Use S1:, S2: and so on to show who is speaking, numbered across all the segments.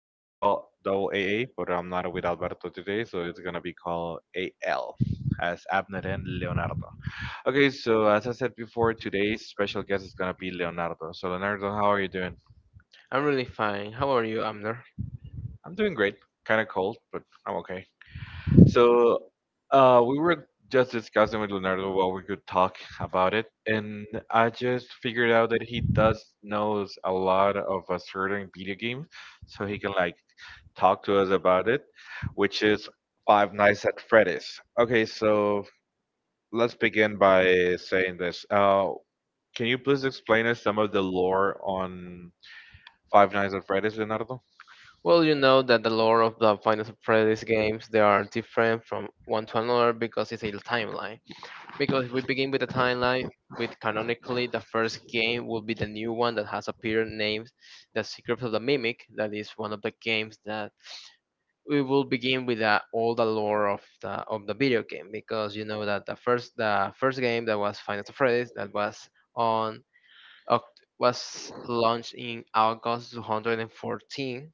S1: It used to be called Double AA, but I'm not with Alberto today, so it's gonna be called AL, as Abner and Leonardo. Okay, so as I said before, today's special guest is gonna be Leonardo. So, Leonardo, how are you doing?
S2: I'm really fine. How are you, Amner?
S1: I'm doing great. Kind of cold, but I'm okay. So we were just discussing with Leonardo what we could talk about it, and I just figured out that he does knows a lot of a certain video game, so he can like talk to us about it, which is Five Nights at Freddy's. Okay, so let's begin by saying this. Can you please explain us some of the lore on Five Nights at Freddy's, Leonardo?
S2: Well, you know that the lore of the Final Fantasy games they are different from one to another because it's a timeline. Because if we begin with the timeline with canonically the first game will be the new one that has appeared named The Secrets of the Mimic. That is one of the games that we will begin with all the lore of the video game because you know that the first game that was Final Fantasy that was on Oct- was launched in August 2014.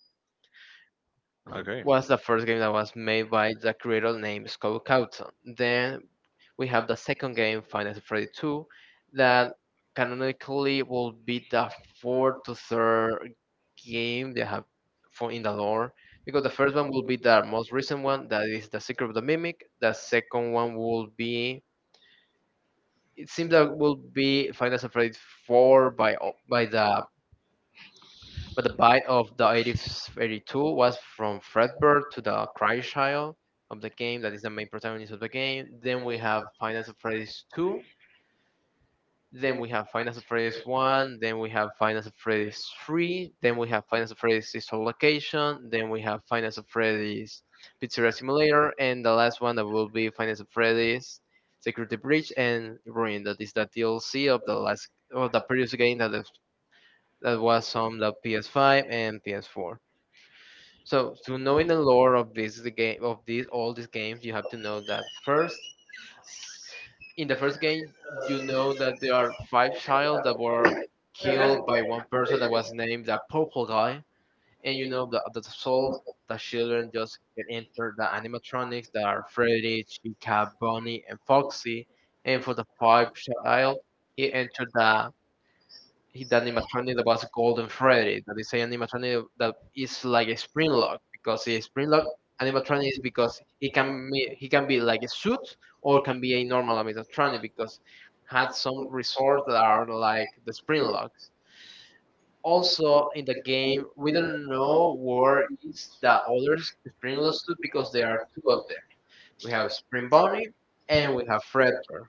S1: Okay.
S2: Was the first game that was made by the creator named Scott Cawthon. Then we have the second game, Final Freddy 2, that canonically will be the fourth to third game they have for in the lore. Because the first one will be the most recent one, that is the Secret of the Mimic. The second one will be it seems that will be Final Freddy 4. By o- by the But the bite of the 82 was from Fredbird to the Cry Child of the game, that is the main protagonist of the game. Then we have Finance of Freddy's 2. Then we have Finance of Freddy's 1. Then we have Finance of Freddy's 3. Then we have Finance of Freddy's Digital Location. Then we have Finance of Freddy's Pizzeria Simulator. And the last one that will be Finance of Freddy's Security Breach and Ruin, that is the DLC of the last of the previous game that is that was on the PS5 and PS4. So, knowing the lore of this the game of these all these games, you have to know that first. In the first game, you know that there are five child that were killed by one person that was named the purple guy, and you know that the children just get entered the animatronics that are Freddy, Chica, Bonnie, and Foxy, and for the five child, he entered the animatronic that was Golden Freddy. That is an animatronic that is like a spring lock because the spring lock animatronic is because he can be like a suit or can be a normal animatronic because had some resorts that are like the spring locks. Also in the game, we don't know where is the other spring lock suit because there are two of them. We have Spring Bunny and we have Fredbear.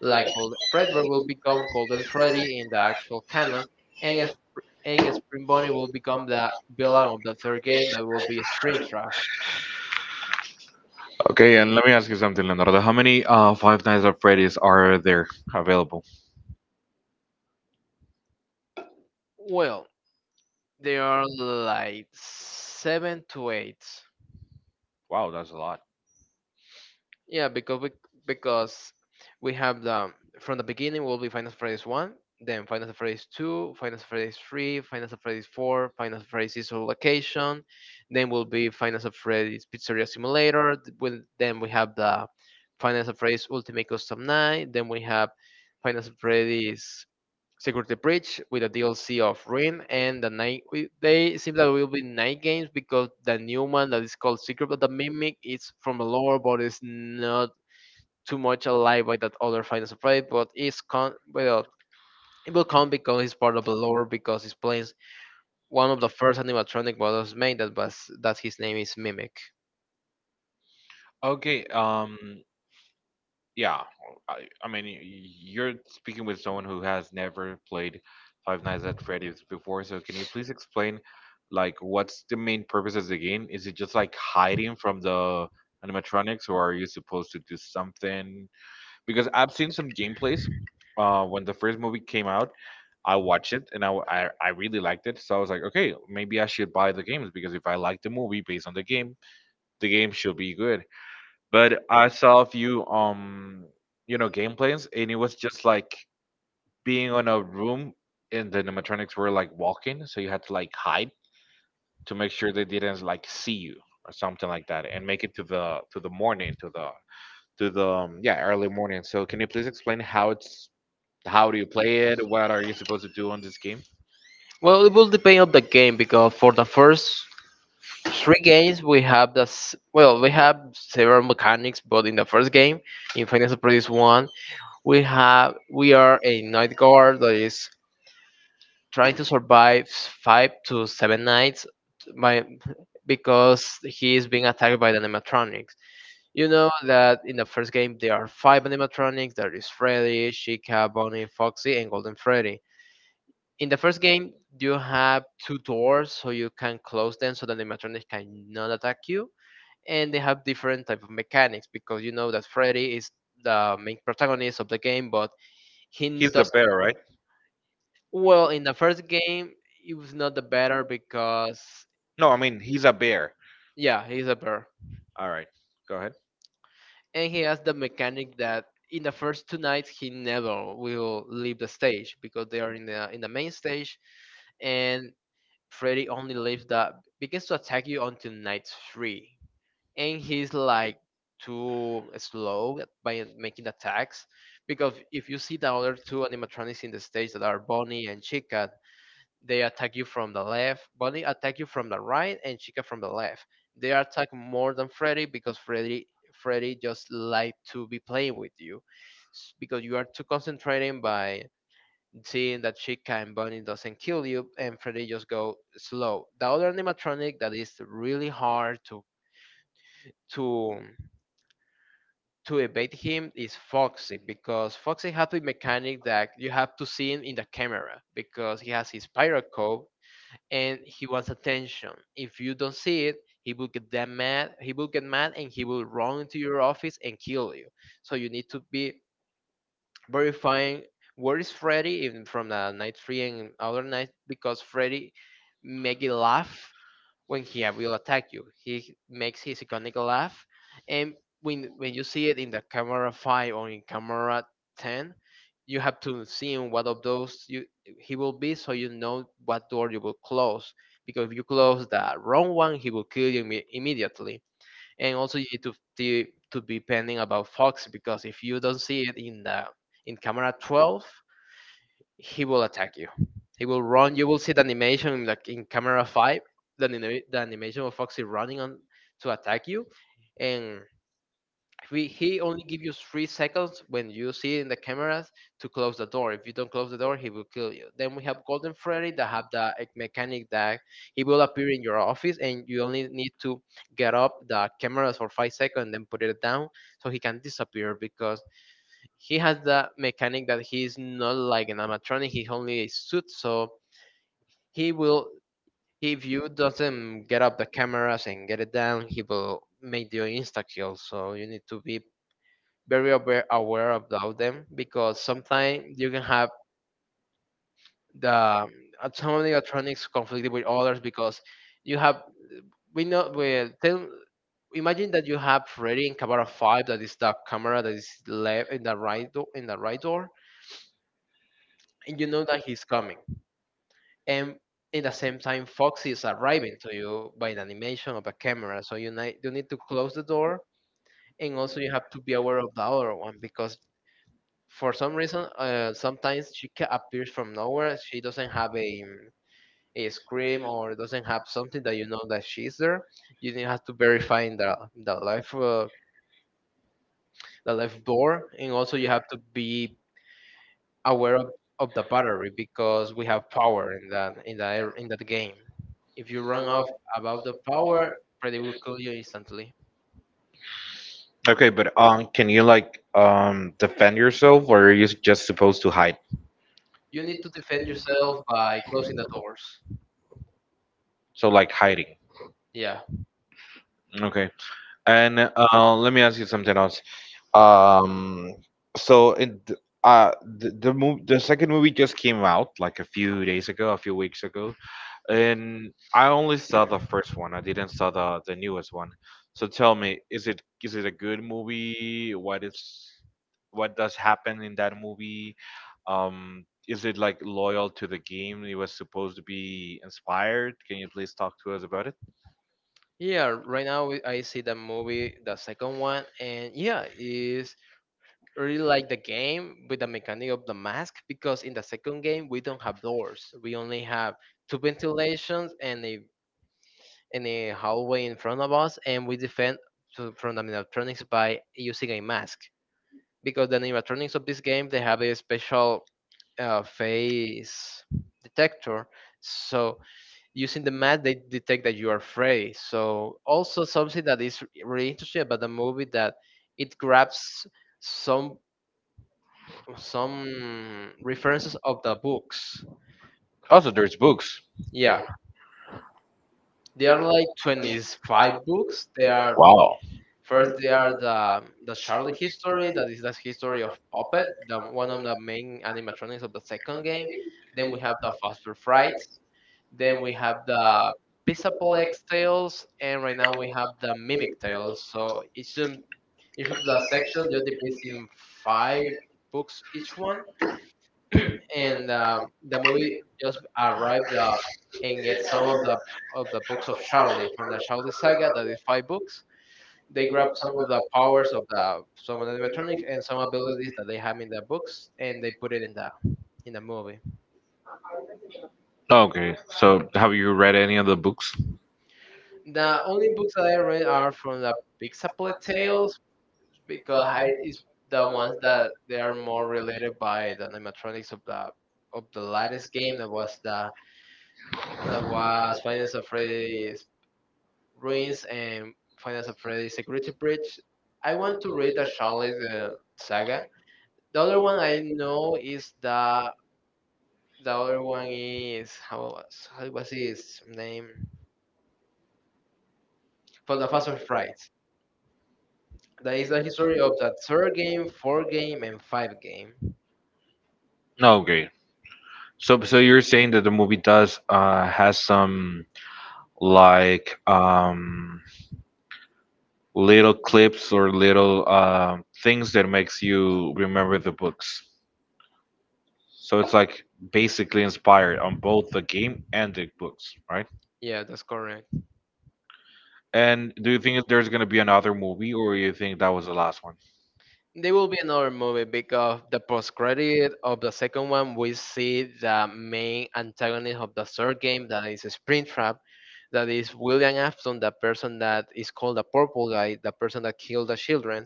S2: Like Golden Fredbear will become Golden Freddy in the actual canon, and Spring Bonnie will become the villain of the third game that will be Springtrap.
S1: Okay, and let me ask you something, Leonardo. How many Five Nights at Freddy's are there available?
S2: Well, there are like seven to eight.
S1: Wow, that's a lot.
S2: Yeah, because we have the from the beginning will be Final Fantasy one, then Final Fantasy two, Final Fantasy three, Final Fantasy four, Final Fantasy Soul Location, then will be Final Fantasy Pizzeria Simulator. Th- When Then we have the Final Fantasy Ultimate Custom Night. Then we have Final Fantasy Security Breach with a DLC of Ruin and the night. They seem that will be night games because the new one that is called Secret but the Mimic is from the lore, but it's not too much alive by that other Final Surprise. But it's con well, it will come because it's part of the lore because it's playing one of the first animatronic models made that his name is Mimic.
S1: Okay, yeah, I mean, you're speaking with someone who has never played Five Nights at Freddy's before, so can you please explain, like, what's the main purpose of the game? Is it just like hiding from the animatronics, or are you supposed to do something? Because I've seen some gameplays, when the first movie came out. I watched it and I really liked it. So I was like, okay, maybe I should buy the games because if I like the movie based on the game should be good. But I saw a few gameplays, and it was just like being on a room and the animatronics were like walking, so you had to like hide to make sure they didn't like see you or something like that, and make it to the morning, to the yeah, early morning. So can you please explain how do you play it? What are you supposed to do on this game?
S2: Well, it will depend on the game because for the first three games we have this well we have several mechanics, but in the first game in Final Surprise 1 we are a night guard that is trying to survive five to seven nights by because he is being attacked by the animatronics. You know that in the first game there are five animatronics. There is Freddy, Chica, Bonnie, Foxy, and Golden Freddy. In the first game, you have two doors so you can close them so the animatronics cannot attack you. And they have different type of mechanics because you know that Freddy is the main protagonist of the game, but he
S1: He's the
S2: doesn't.
S1: bear, right?
S2: Well, in the first game, he was not the better because,
S1: No, I mean he's a bear.
S2: yeah, he's a bear.
S1: All right, go ahead.
S2: And he has the mechanic that in the first two nights he never will leave the stage because they are in the main stage, and Freddy only leaves that begins to attack you until night three, and he's like too slow by making attacks because if you see the other two animatronics in the stage that are Bonnie and Chica. They attack you from the left. Bonnie attack you from the right, and Chica from the left. They attack more than Freddy because Freddy just like to be playing with you, because you are too concentrating by seeing that Chica and Bonnie doesn't kill you, and Freddy just go slow. The other animatronic that is really hard to to evade him is Foxy because Foxy has the mechanic that you have to see him in the camera because he has his pyro code and he wants attention. If you don't see it, he will get that mad. He will get mad, and he will run into your office and kill you. So you need to be verifying where is Freddy in, from the night three and other night, because Freddy make it laugh when he will attack you. He makes his iconic laugh, and when you see it in the camera five or in camera 10, you have to see in what of those you he will be, so you know what door you will close. Because if you close the wrong one, he will kill you immediately, and also you need to be pending about Fox, because if you don't see it in camera 12, he will attack you. He will run. You will see the animation like in camera five, the animation of Foxy running on to attack you, and he only give you 3 seconds when you see in the cameras to close the door. If you don't close the door, he will kill you. Then we have Golden Freddy that have mechanic that he will appear in your office, and you only need to get up the cameras for 5 seconds and then put it down so he can disappear, because he has the mechanic that he is not like an animatronic. He only a suit, so he will. If you doesn't get up the cameras and get it down, he will make you insta kill. So you need to be very aware about them because sometimes you can have the some of the electronics conflicted with others because you have we know we tell imagine that you have ready in camera five that is the camera that is left in the right door and you know that he's coming, and in the same time Foxy is arriving to you by the animation of the camera, so you need to close the door, and also you have to be aware of the other one because for some reason, sometimes she appears from nowhere. She doesn't have a scream or doesn't have something that you know that she's there. Have to verify in the life door, and also you have to be aware of the battery because we have power in that in that game. If you run off about the power, Freddy will kill you instantly.
S1: Okay, but can you like defend yourself, or are you just supposed to hide?
S2: You need to defend yourself by closing the doors.
S1: So like hiding.
S2: Yeah.
S1: Okay, and let me ask you something else. Um, so uh the second movie just came out like a few days ago, a few weeks ago. And I only saw the first one. I didn't saw the newest one. So tell me, is it a good movie? What does happen in that movie? Is it like loyal to the game it was supposed to be inspired? Can you please talk to us about it?
S2: Yeah, right now I see the movie, the second one, and yeah, is really like the game with the mechanic of the mask because in the second game we don't have doors. We only have two ventilations and a hallway in front of us, and we defend from the animatronics by using a mask because the animatronics of this game they have a special face detector, so using the math they detect that you are afraid, so also something that is really interesting about the movie, that it grabs some some references of the books.
S1: Also, there's books.
S2: Yeah, they are like 25 books. They are
S1: Wow.
S2: First, they are the Charlie history, that is the history of puppet, the one of the main animatronics of the second game. Then we have the Fossil Frights. Then we have the Pisaplex Tails, and right now we have the Mimic Tails. So each of the section just depicts in five books each one, and the movie just arrived and get some of the books of Charlie from the Charlie saga. That is five books. They grab some of the powers of the some of the animatronics and some abilities that they have in the books, and they put it in the movie.
S1: Okay. So have you read any of the books?
S2: The only books that I read are from the Pixaplet Tales, because height is the ones that they are more related by the animatronics of the latest game that was Finance of Freddy's Ruins and Finance of Freddy's Security Breach. I want to read the Charlotte saga. The other one I know is the other one is how was his name for the Fast of Frights. That is the history of the third game, fourth game, and five game.
S1: No, okay. So you're saying that the movie does has some like little clips or little things that makes you remember the books. So it's like basically inspired on both the game and the books, right?
S2: Yeah, that's correct.
S1: And do you think that there's gonna be another movie, or you think that was the last one?
S2: There will be another movie because the post credit of the second one, we see the main antagonist of the third game, that is Springtrap, that is William Afton, the person that is called the Purple Guy, the person that killed the children.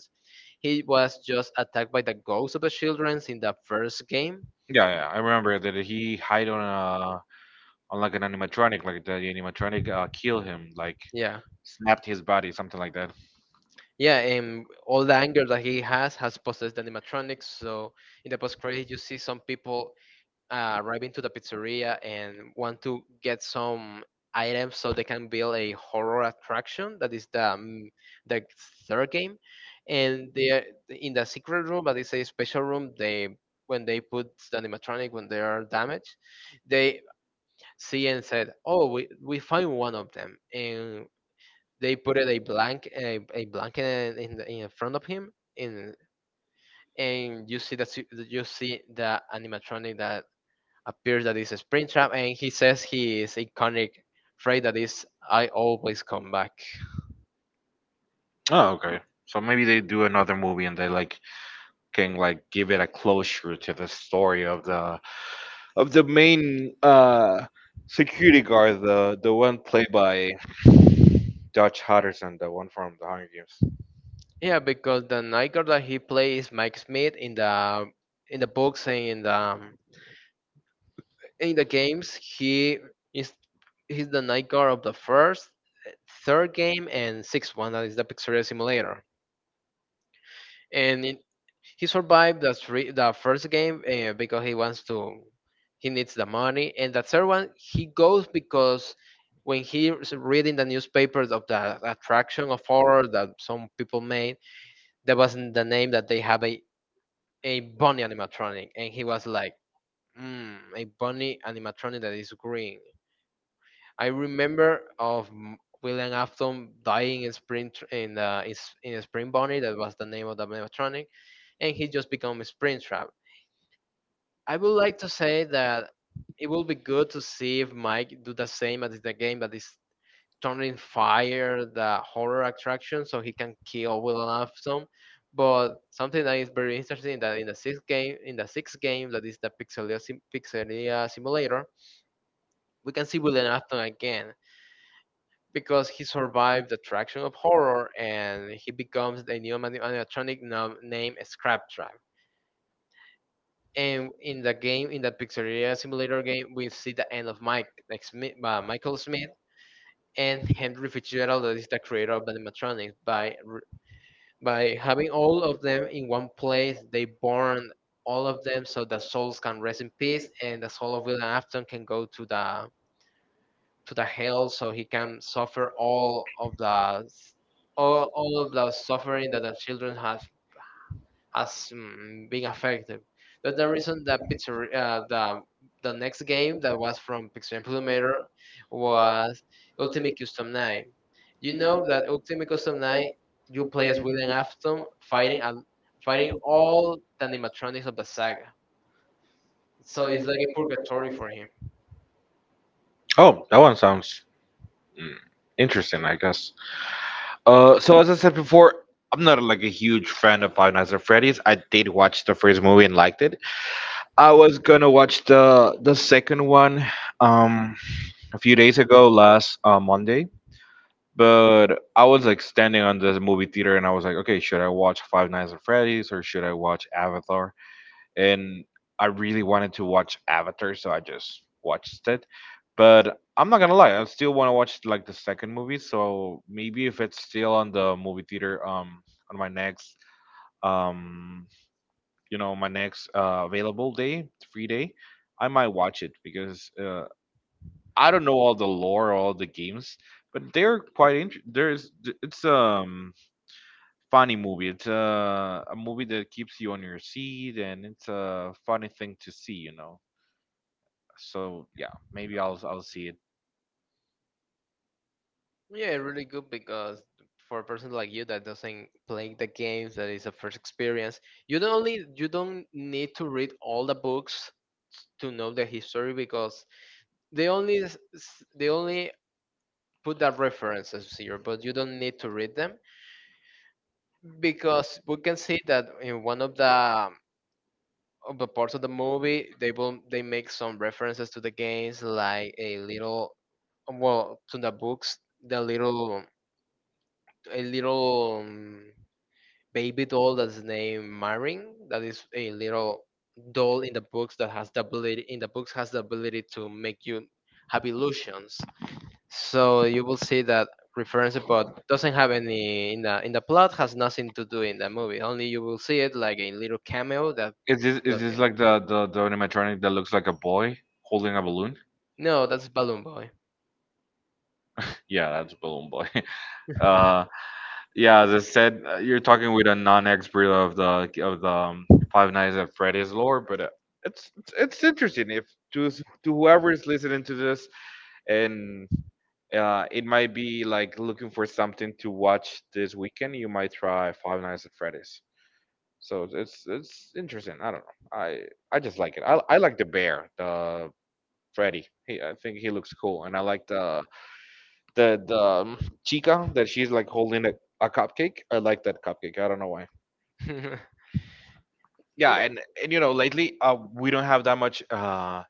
S2: He was just attacked by the ghosts of the children in the first game.
S1: Yeah, yeah, I remember that he hide on a on like an animatronic, like the animatronic kill him, like
S2: Yeah,
S1: snapped his body, something like that.
S2: yeah, and all the anger that he has possessed the animatronics. So in the post credit, you see some people arriving to the pizzeria and want to get some items so they can build a horror attraction that is the third game, and the in the secret room, but it's a special room. They, when they put the animatronic when they are damaged, they see and said, oh, we find one of them, and they put it a blank a blanket in the, in front of him in, and you see the animatronic that appears that it's a Springtrap, and he says his iconic phrase that is "I always come back."
S1: Oh, okay. So maybe they do another movie and they like can like give it a closure to the story of the main security guard, the one played by Dutch Hutcherson, the one from The Hunger Games.
S2: Yeah, because the Nightguard that he plays, Mike Smith, in the books and in the games, he is he's the Nightguard of the first, third game, and sixth one that is the Pizzeria Simulator. And it, he survived the three, the first game because he wants to he needs the money, and the third one he goes because when he's reading the newspapers of the attraction of horror that some people made, that wasn't the name that they have a bunny animatronic, and he was like a bunny animatronic that is green. I remember of William Afton dying in Spring Tr- in, S- in Spring Bonnie. That was the name of the animatronic, and he just become a Springtrap. I would like to say that it will be good to see if Mike do the same as the game, that is turning fire the horror attraction so he can kill William Afton. But something that is very interesting that in the sixth game, in the sixth game, that is the Pixelia simulator, we can see William Afton again because he survived the attraction of horror, and he becomes the new animatronic named Scraptrap. And in the game, in the Pizzeria Simulator game, we see the end of Mike, like Smith, Michael Smith, and Henry Fitzgerald, that is the creator of the animatronics. By having all of them in one place, they burn all of them so the souls can rest in peace, and the soul of William Afton can go to the hell so he can suffer all of the suffering that the children has been affected. That's the reason that Pizzer the next game that was from Pixel Implementer was Ultimate Custom 9. You know that Ultimate Custom 9 you play as William Afton fighting and fighting all the animatronics of the saga. So it's like a purgatory for him.
S1: Oh, that one sounds mm, interesting, I guess. So as I said before, I'm not like a huge fan of Five Nights at Freddy's. I did watch the first movie and liked it. I was gonna watch the second one um a few days ago, last Monday. But I was like standing on the movie theater and I was like, okay, should I watch Five Nights at Freddy's or should I watch Avatar? And I really wanted to watch Avatar, so I just watched it. But I'm not gonna lie, I still want to watch like the second movie. So maybe if it's still on the movie theater, on my next, um, you know, my next available day, free day, I might watch it because I don't know all the lore, all the games, but they're quite interesting. It's funny movie. It's a movie that keeps you on your seat, and it's a funny thing to see. So yeah, maybe I'll see it.
S2: Yeah, really good because for a person like you that doesn't play the games, that is a first experience, you don't only you don't need to read all the books to know the history because they only put the references here, but you don't need to read them because we can see that in one of the parts of the movie they will they make some references to the games like a little, well, to the books, the little, a little baby doll that's named Marin. That is a little doll in the books that has the ability, in the books has the ability, to make you have illusions. So you will see that reference, but doesn't have any in the plot, has nothing to do in the movie. Only you will see it like a little cameo that
S1: Is this
S2: will
S1: is
S2: appear.
S1: this like the animatronic that looks like a boy holding a balloon?
S2: No, that's Balloon Boy.
S1: Yeah, that's Balloon Boy. Uh, Yeah, as I said, you're talking with a non-expert of the like, of the Five Nights at Freddy's lore, but it's interesting if to whoever is listening to this, and it might be like looking for something to watch this weekend. You might try Five Nights at Freddy's. So it's interesting. I don't know. I just like it. I like the bear, the Freddy. He, I think he looks cool, and I like the Chica, that she's like holding a cupcake. I like that cupcake. I don't know why.
S2: Yeah.
S1: Yeah, and lately, we don't have that much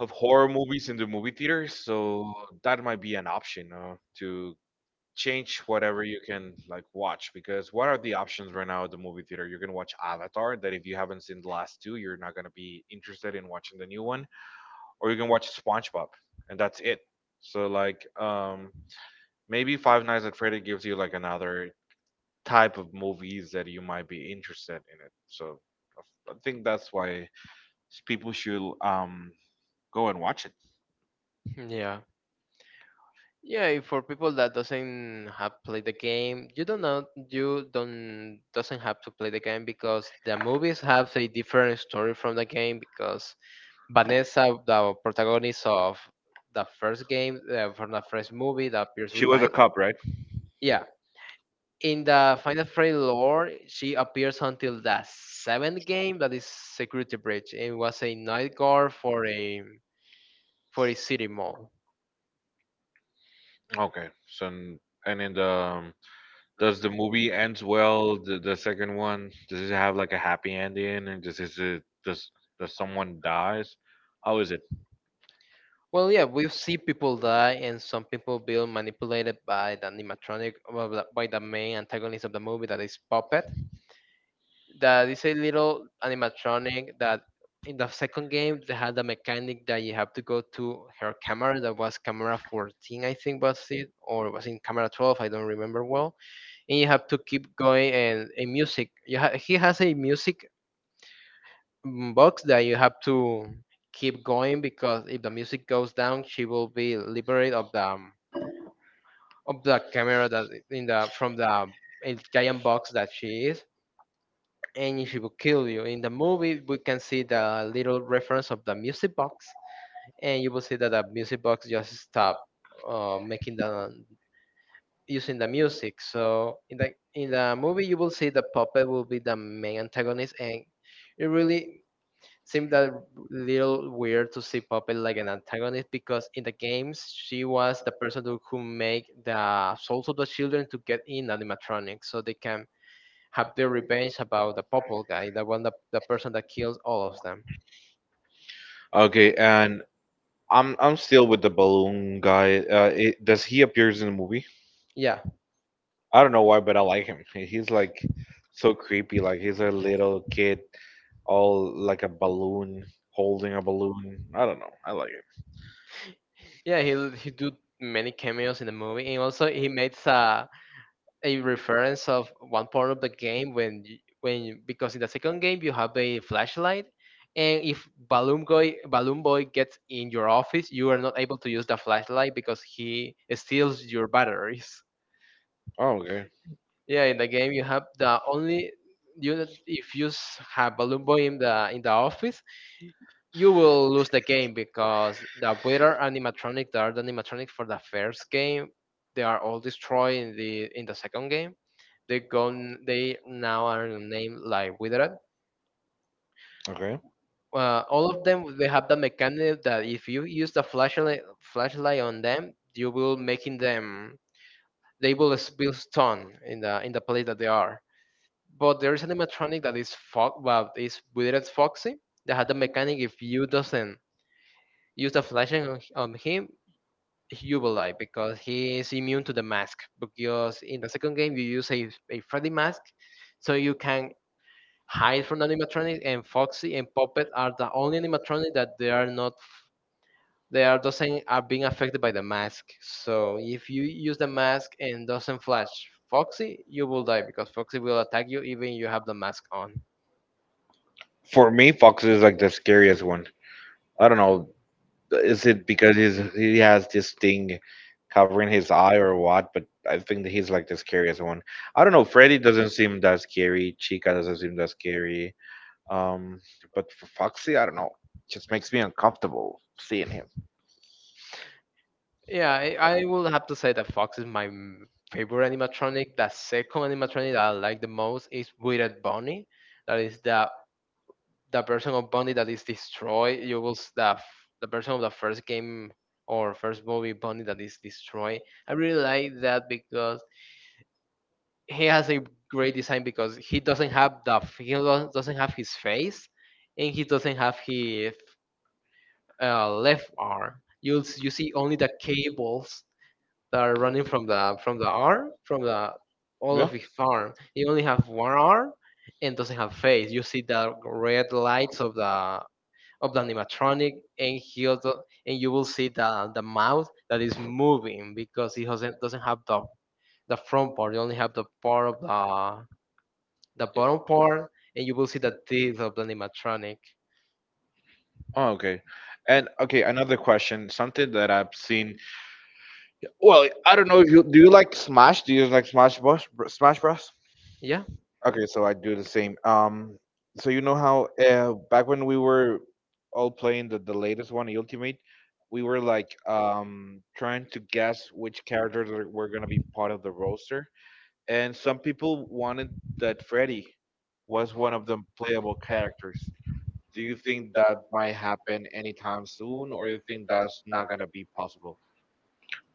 S1: of horror movies in the movie theater, so that might be an option, to change whatever you can like watch. Because what are the options right now at the movie theater? You can watch Avatar. That, if you haven't seen the last two, you're not going to be interested in watching the new one. Or you can watch SpongeBob, and that's it. So like, maybe Five Nights at Freddy gives you like another type of movies that you might be interested in it. So I think that's why, people should go and watch it.
S2: Yeah. Yeah, if for people that doesn't have played the game, you don't know you don't doesn't have to play the game because the movies have a different story from the game because Vanessa, the protagonist of the first game from the first movie that appears with
S1: She was a
S2: Mike.
S1: cop, right?
S2: Yeah, in the Final Freddy lore, she appears until the seventh game that is Security Breach. It was a night guard for a city mall.
S1: Okay, so and in the does the movie ends well? The second one, does it have like a happy ending? And does someone dies? How is it?
S2: Well, yeah, we see people die and some people being manipulated by the animatronic, well, the- by the main antagonist of the movie, that is Puppet. That is a little animatronic that in the second game they had a mechanic that you have to go to her camera that was camera 14, I think was it, or it was in camera 12, I don't remember well. And you have to keep going and a music, he has a music box that you have to keep going because if the music goes down, she will be liberated of the camera that in the from the giant box that she is, and she will kill you. In the movie, we can see the little reference of the music box, and you will see that the music box just stop making the using the music. So in the movie, you will see the puppet will be the main antagonist, and it really seemed a little weird to see Puppet like an antagonist because in the games she was the person who make the souls of the children to get in animatronics so they can have their revenge about the Popple guy, the one that the person that kills all of them.
S1: Okay, and I'm still with the balloon guy. Does he appears in the movie?
S2: Yeah,
S1: I don't know why, but I like him. He's like so creepy. Like he's a little kid, all like a balloon, holding a balloon. I don't know. I like him.
S2: yeah, he did many cameos in the movie, and also he made a reference of one part of the game when because in the second game you have a flashlight, and if Balloon Boy gets in your office you are not able to use the flashlight because he steals your batteries.
S1: Oh, okay.
S2: Yeah, in the game you have the only you if you have Balloon Boy in the office, you will lose the game because the better animatronic, the art animatronic for the first game, they are all destroyed in the second game. They gone. They now are named like Withered.
S1: Okay.
S2: All of them they have the mechanic that if you use the flashlight on them, you will making them. Be stunned in the place that they are. But there is an animatronic that is is weird as Foxy that had the mechanic if you doesn't use the flashing on him, you will die because he is immune to the mask. Because in the second game you use a Freddy mask, so you can hide from the animatronic, and Foxy and Puppet are the only animatronic that they are not they are doesn't are being affected by the mask. So if you use the mask and doesn't flash Foxy, you will die because Foxy will attack you even you have the mask on.
S1: For me, Fox is like the scariest one. I don't know. Is it because he has this thing covering his eye or what? But I think that he's like the scariest one. I don't know. Freddy doesn't seem that scary. Chica doesn't seem that scary. Um, but for Foxy, I don't know. Just makes me uncomfortable seeing him.
S2: Yeah, I will have to say that Fox is my favorite animatronic. The second animatronic that I like the most is Withered Bunny. That is the version of Bunny that is destroyed. You will s- the f- The version of the first game or first movie Bunny that is destroyed. I really like that because he has a great design because he doesn't have his face, and he doesn't have his left arm. You see only the cables that are running from the arm from the all of his arm. He only have one arm and doesn't have face. You see the red lights of the animatronic, and he also, and you will see the mouth that is moving because he doesn't have the front part. You only have the part of the bottom part, and you will see the teeth of the animatronic.
S1: Oh, okay. And okay, another question. Something that I've seen. Well, I don't know if you do you like Smash? Do you like Smash Bros? Smash Bros?
S2: Yeah.
S1: Okay, so I do the same. So you know how back when we were all playing the latest one, Ultimate, we were like trying to guess which characters were gonna be part of the roster, and some people wanted that Freddy was one of the playable characters. Do you think that might happen anytime soon, or you think that's not gonna be possible?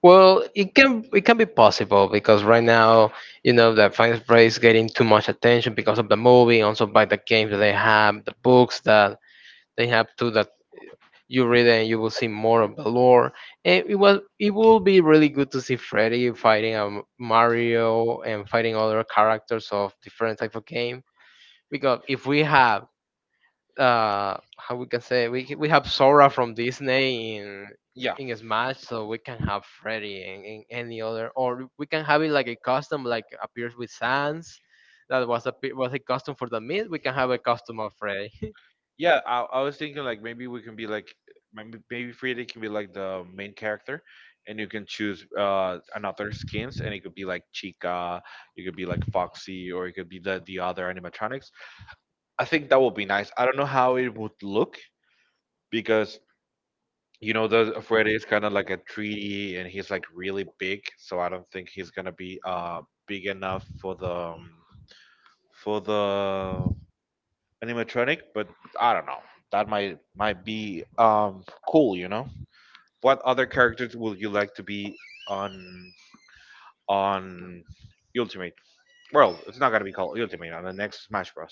S2: Well, it can be possible because right now, you know, the finance race getting too much attention because of the movie, also by the games that they have, the books that they have too that you read it and you will see more of the lore. And it will be really good to see Freddy fighting Mario and fighting other characters of different type of game because if we have how we can say we c- we have Sora from Disney
S1: Yeah.
S2: in Smash, so we can have Freddy in any other, or we can have it like a custom, like appears with Sans. That was a custom for the mid. We can have a custom of Freddy.
S1: Yeah, I was thinking like, maybe we can be like, maybe Frieda can be like the main character, and you can choose another skins, and it could be like Chica, you could be like Foxy, or it could be the other animatronics. I think that would be nice. I don't know how it would look because you know the Frieda is kind of like a 3D, and he's like really big, so I don't think he's gonna be big enough for the for the animatronic, but I don't know. That might be cool. What other characters would you like to be on on Ultimate? Well, it's not gonna be called Ultimate on the next Smash Bros.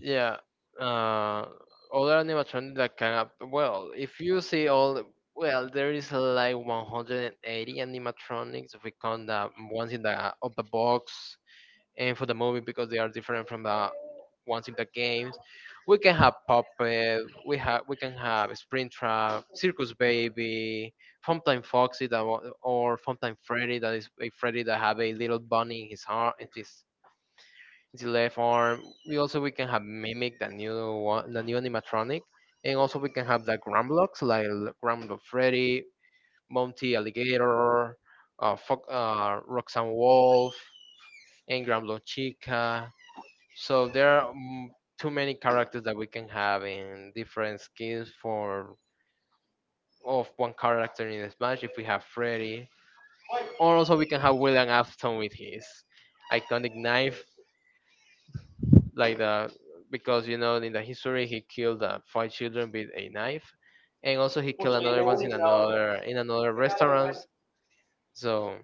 S2: Yeah. Uh, other animatronic that if you see well, there is like 180 animatronics if we count the ones in the out of the box and for the movie because they are different from the ones in the games. We can have Puppet, we can have Springtrap, Circus Baby, Funtime Foxy that wa- or Funtime Freddy that is a Freddy that have a little bunny in his arm in his left arm. We can have Mimic, the new animatronic. And also we can have the Grumblocks like Grumblock Freddy, Monty Alligator, Fox, Roxanne Wolf, and Grumblock Chica, so there are too many characters that we can have in different skins for of one character in Smash if we have Freddy. Or also we can have William Afton with his iconic knife, like the, because you know in the history he killed five children with a knife, and also he killed another ones in another restaurants. So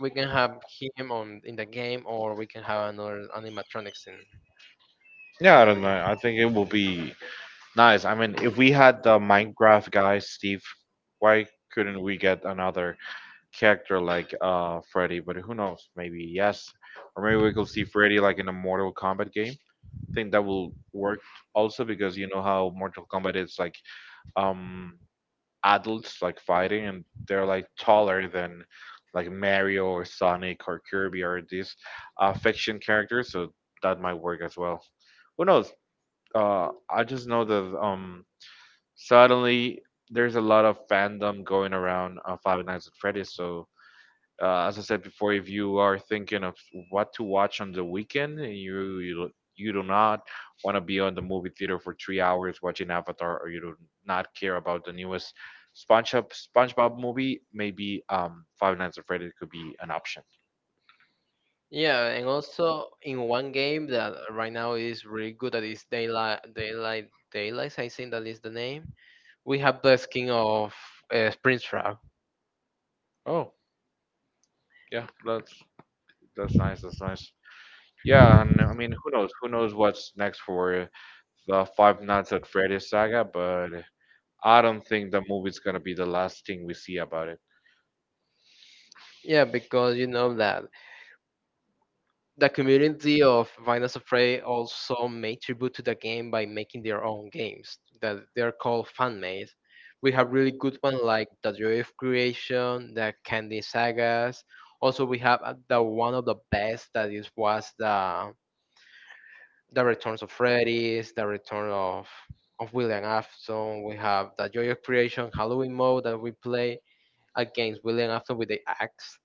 S2: we can have him on in the game, or we can have another animatronics
S1: Yeah, I
S2: in
S1: don't
S2: that
S1: know.
S2: game.
S1: I think it will be nice. I mean, if we had the Minecraft guy, Steve, why couldn't we get another character like Freddy? But who knows? Maybe yes, or maybe we could see Freddy like in a Mortal Kombat game. Think that will work also, because you know how Mortal Kombat is like um adults like fighting and they're like taller than like Mario or Sonic or Kirby or these fiction characters, so that might work as well. Who knows? I just know that suddenly there's a lot of fandom going around Five Nights at Freddy's, so as I said before, if you are thinking of what to watch on the weekend, and you do not want to be on the movie theater for 3 hours watching Avatar, or you do not care about the newest SpongeBob SpongeBob movie, maybe Five Nights at Freddy's could be an option.
S2: Yeah, and also in one game that right now is really good, that is Daylight, I think that is the name. We have the skin of Springtrap.
S1: Oh, yeah, that's nice. That's nice. Yeah, and I mean, who knows? Who knows what's next for the Five Nights at Freddy's saga? But I don't think the movie's gonna be the last thing we see about it.
S2: Yeah, because you know that the community of Finance of Prey also made tribute to the game by making their own games that they're called fan made. We have really good ones like the Joy of Creation, the Candy Sagas. Also, we have the one of the best that is was the returns of Freddy's, the return of William Afton. We have the Joy of Creation Halloween mode that we play against William Afton with the axe.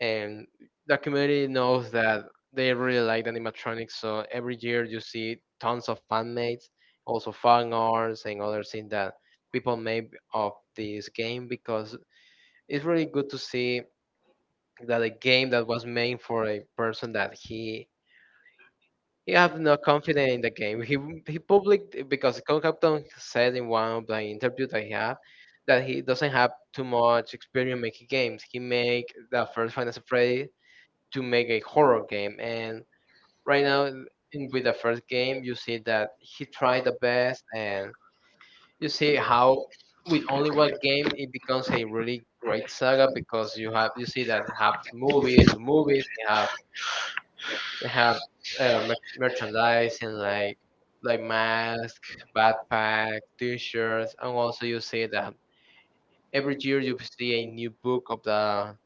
S2: And the community knows that they really like the animatronics, so every year you see tons of fan mates, also fan arts and other things that people made of this game, because it's really good to see that a game that was made for a person that he have no confidence in the game. He public because Concapton said in one of the interviews that he had that he doesn't have too much experience making games. He make the first Final Fantasy to make a horror game, and right now in, with the first game, you see that he tried the best, and you see how with only one game it becomes a really great saga, because you see that have movies to movies, you have they have merchandise and like masks, backpacks, t-shirts, and also you see that every year you see a new book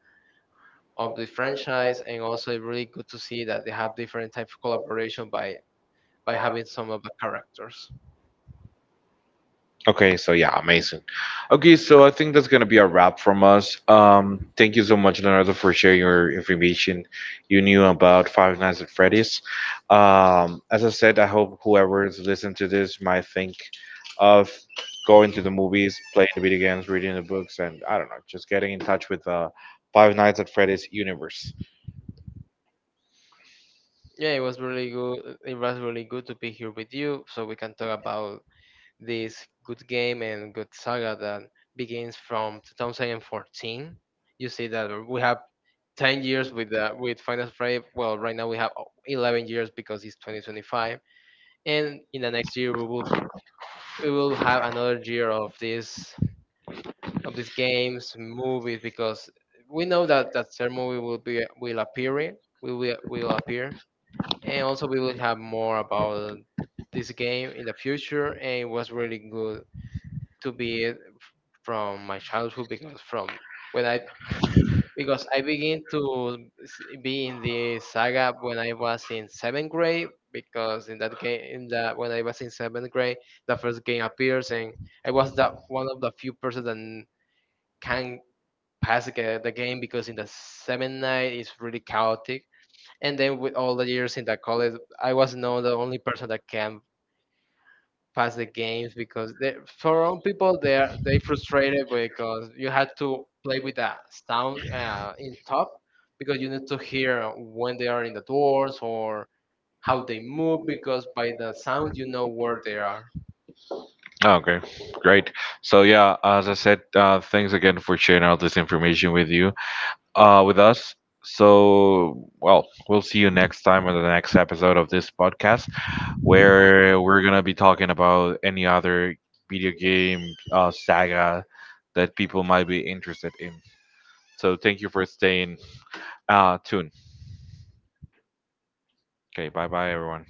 S2: of the franchise, and also it's really good to see that they have different type of collaboration by having some of the characters.
S1: Okay, so yeah, amazing. Okay, so I think that's gonna be a wrap from us. Thank you so much, Leonardo, for sharing your information you knew about Five Nights at Freddy's. As I said, I hope whoever's listening to this might think of going to the movies, playing the video games, reading the books, and I don't know, just getting in touch with the Five Nights at Freddy's universe.
S2: Yeah, it was really good. It was really good to be here with you, so we can talk about this good game and good saga that begins from 2014. You see that we have 10 years with Final Fantasy. Well, right now we have 11 years because it's 2025, and in the next year we will have another year of this of these games, movies, because we know that that third movie will be will appear, and also we will have more about this game in the future. And it was really good to be from my childhood, because from when I because I begin to be in the saga when I was in seventh grade, because in that game in that when I was in seventh grade the first game appears, and I was that one of the few persons that can pass the game, because in the seventh night it's really chaotic, and then with all the years in the college I was now the only person that can pass the games, because they, for some people they are they frustrated, because you have to play with the sound in top, because you need to hear when they are in the doors or how they move, because by the sound you know where they are.
S1: Okay, great. So yeah, as I said, thanks again for sharing all this information with you. With us. So, well, we'll see you next time on the next episode of this podcast where we're going to be talking about any other video game saga that people might be interested in. So, thank you for staying tuned. Okay, bye bye, everyone.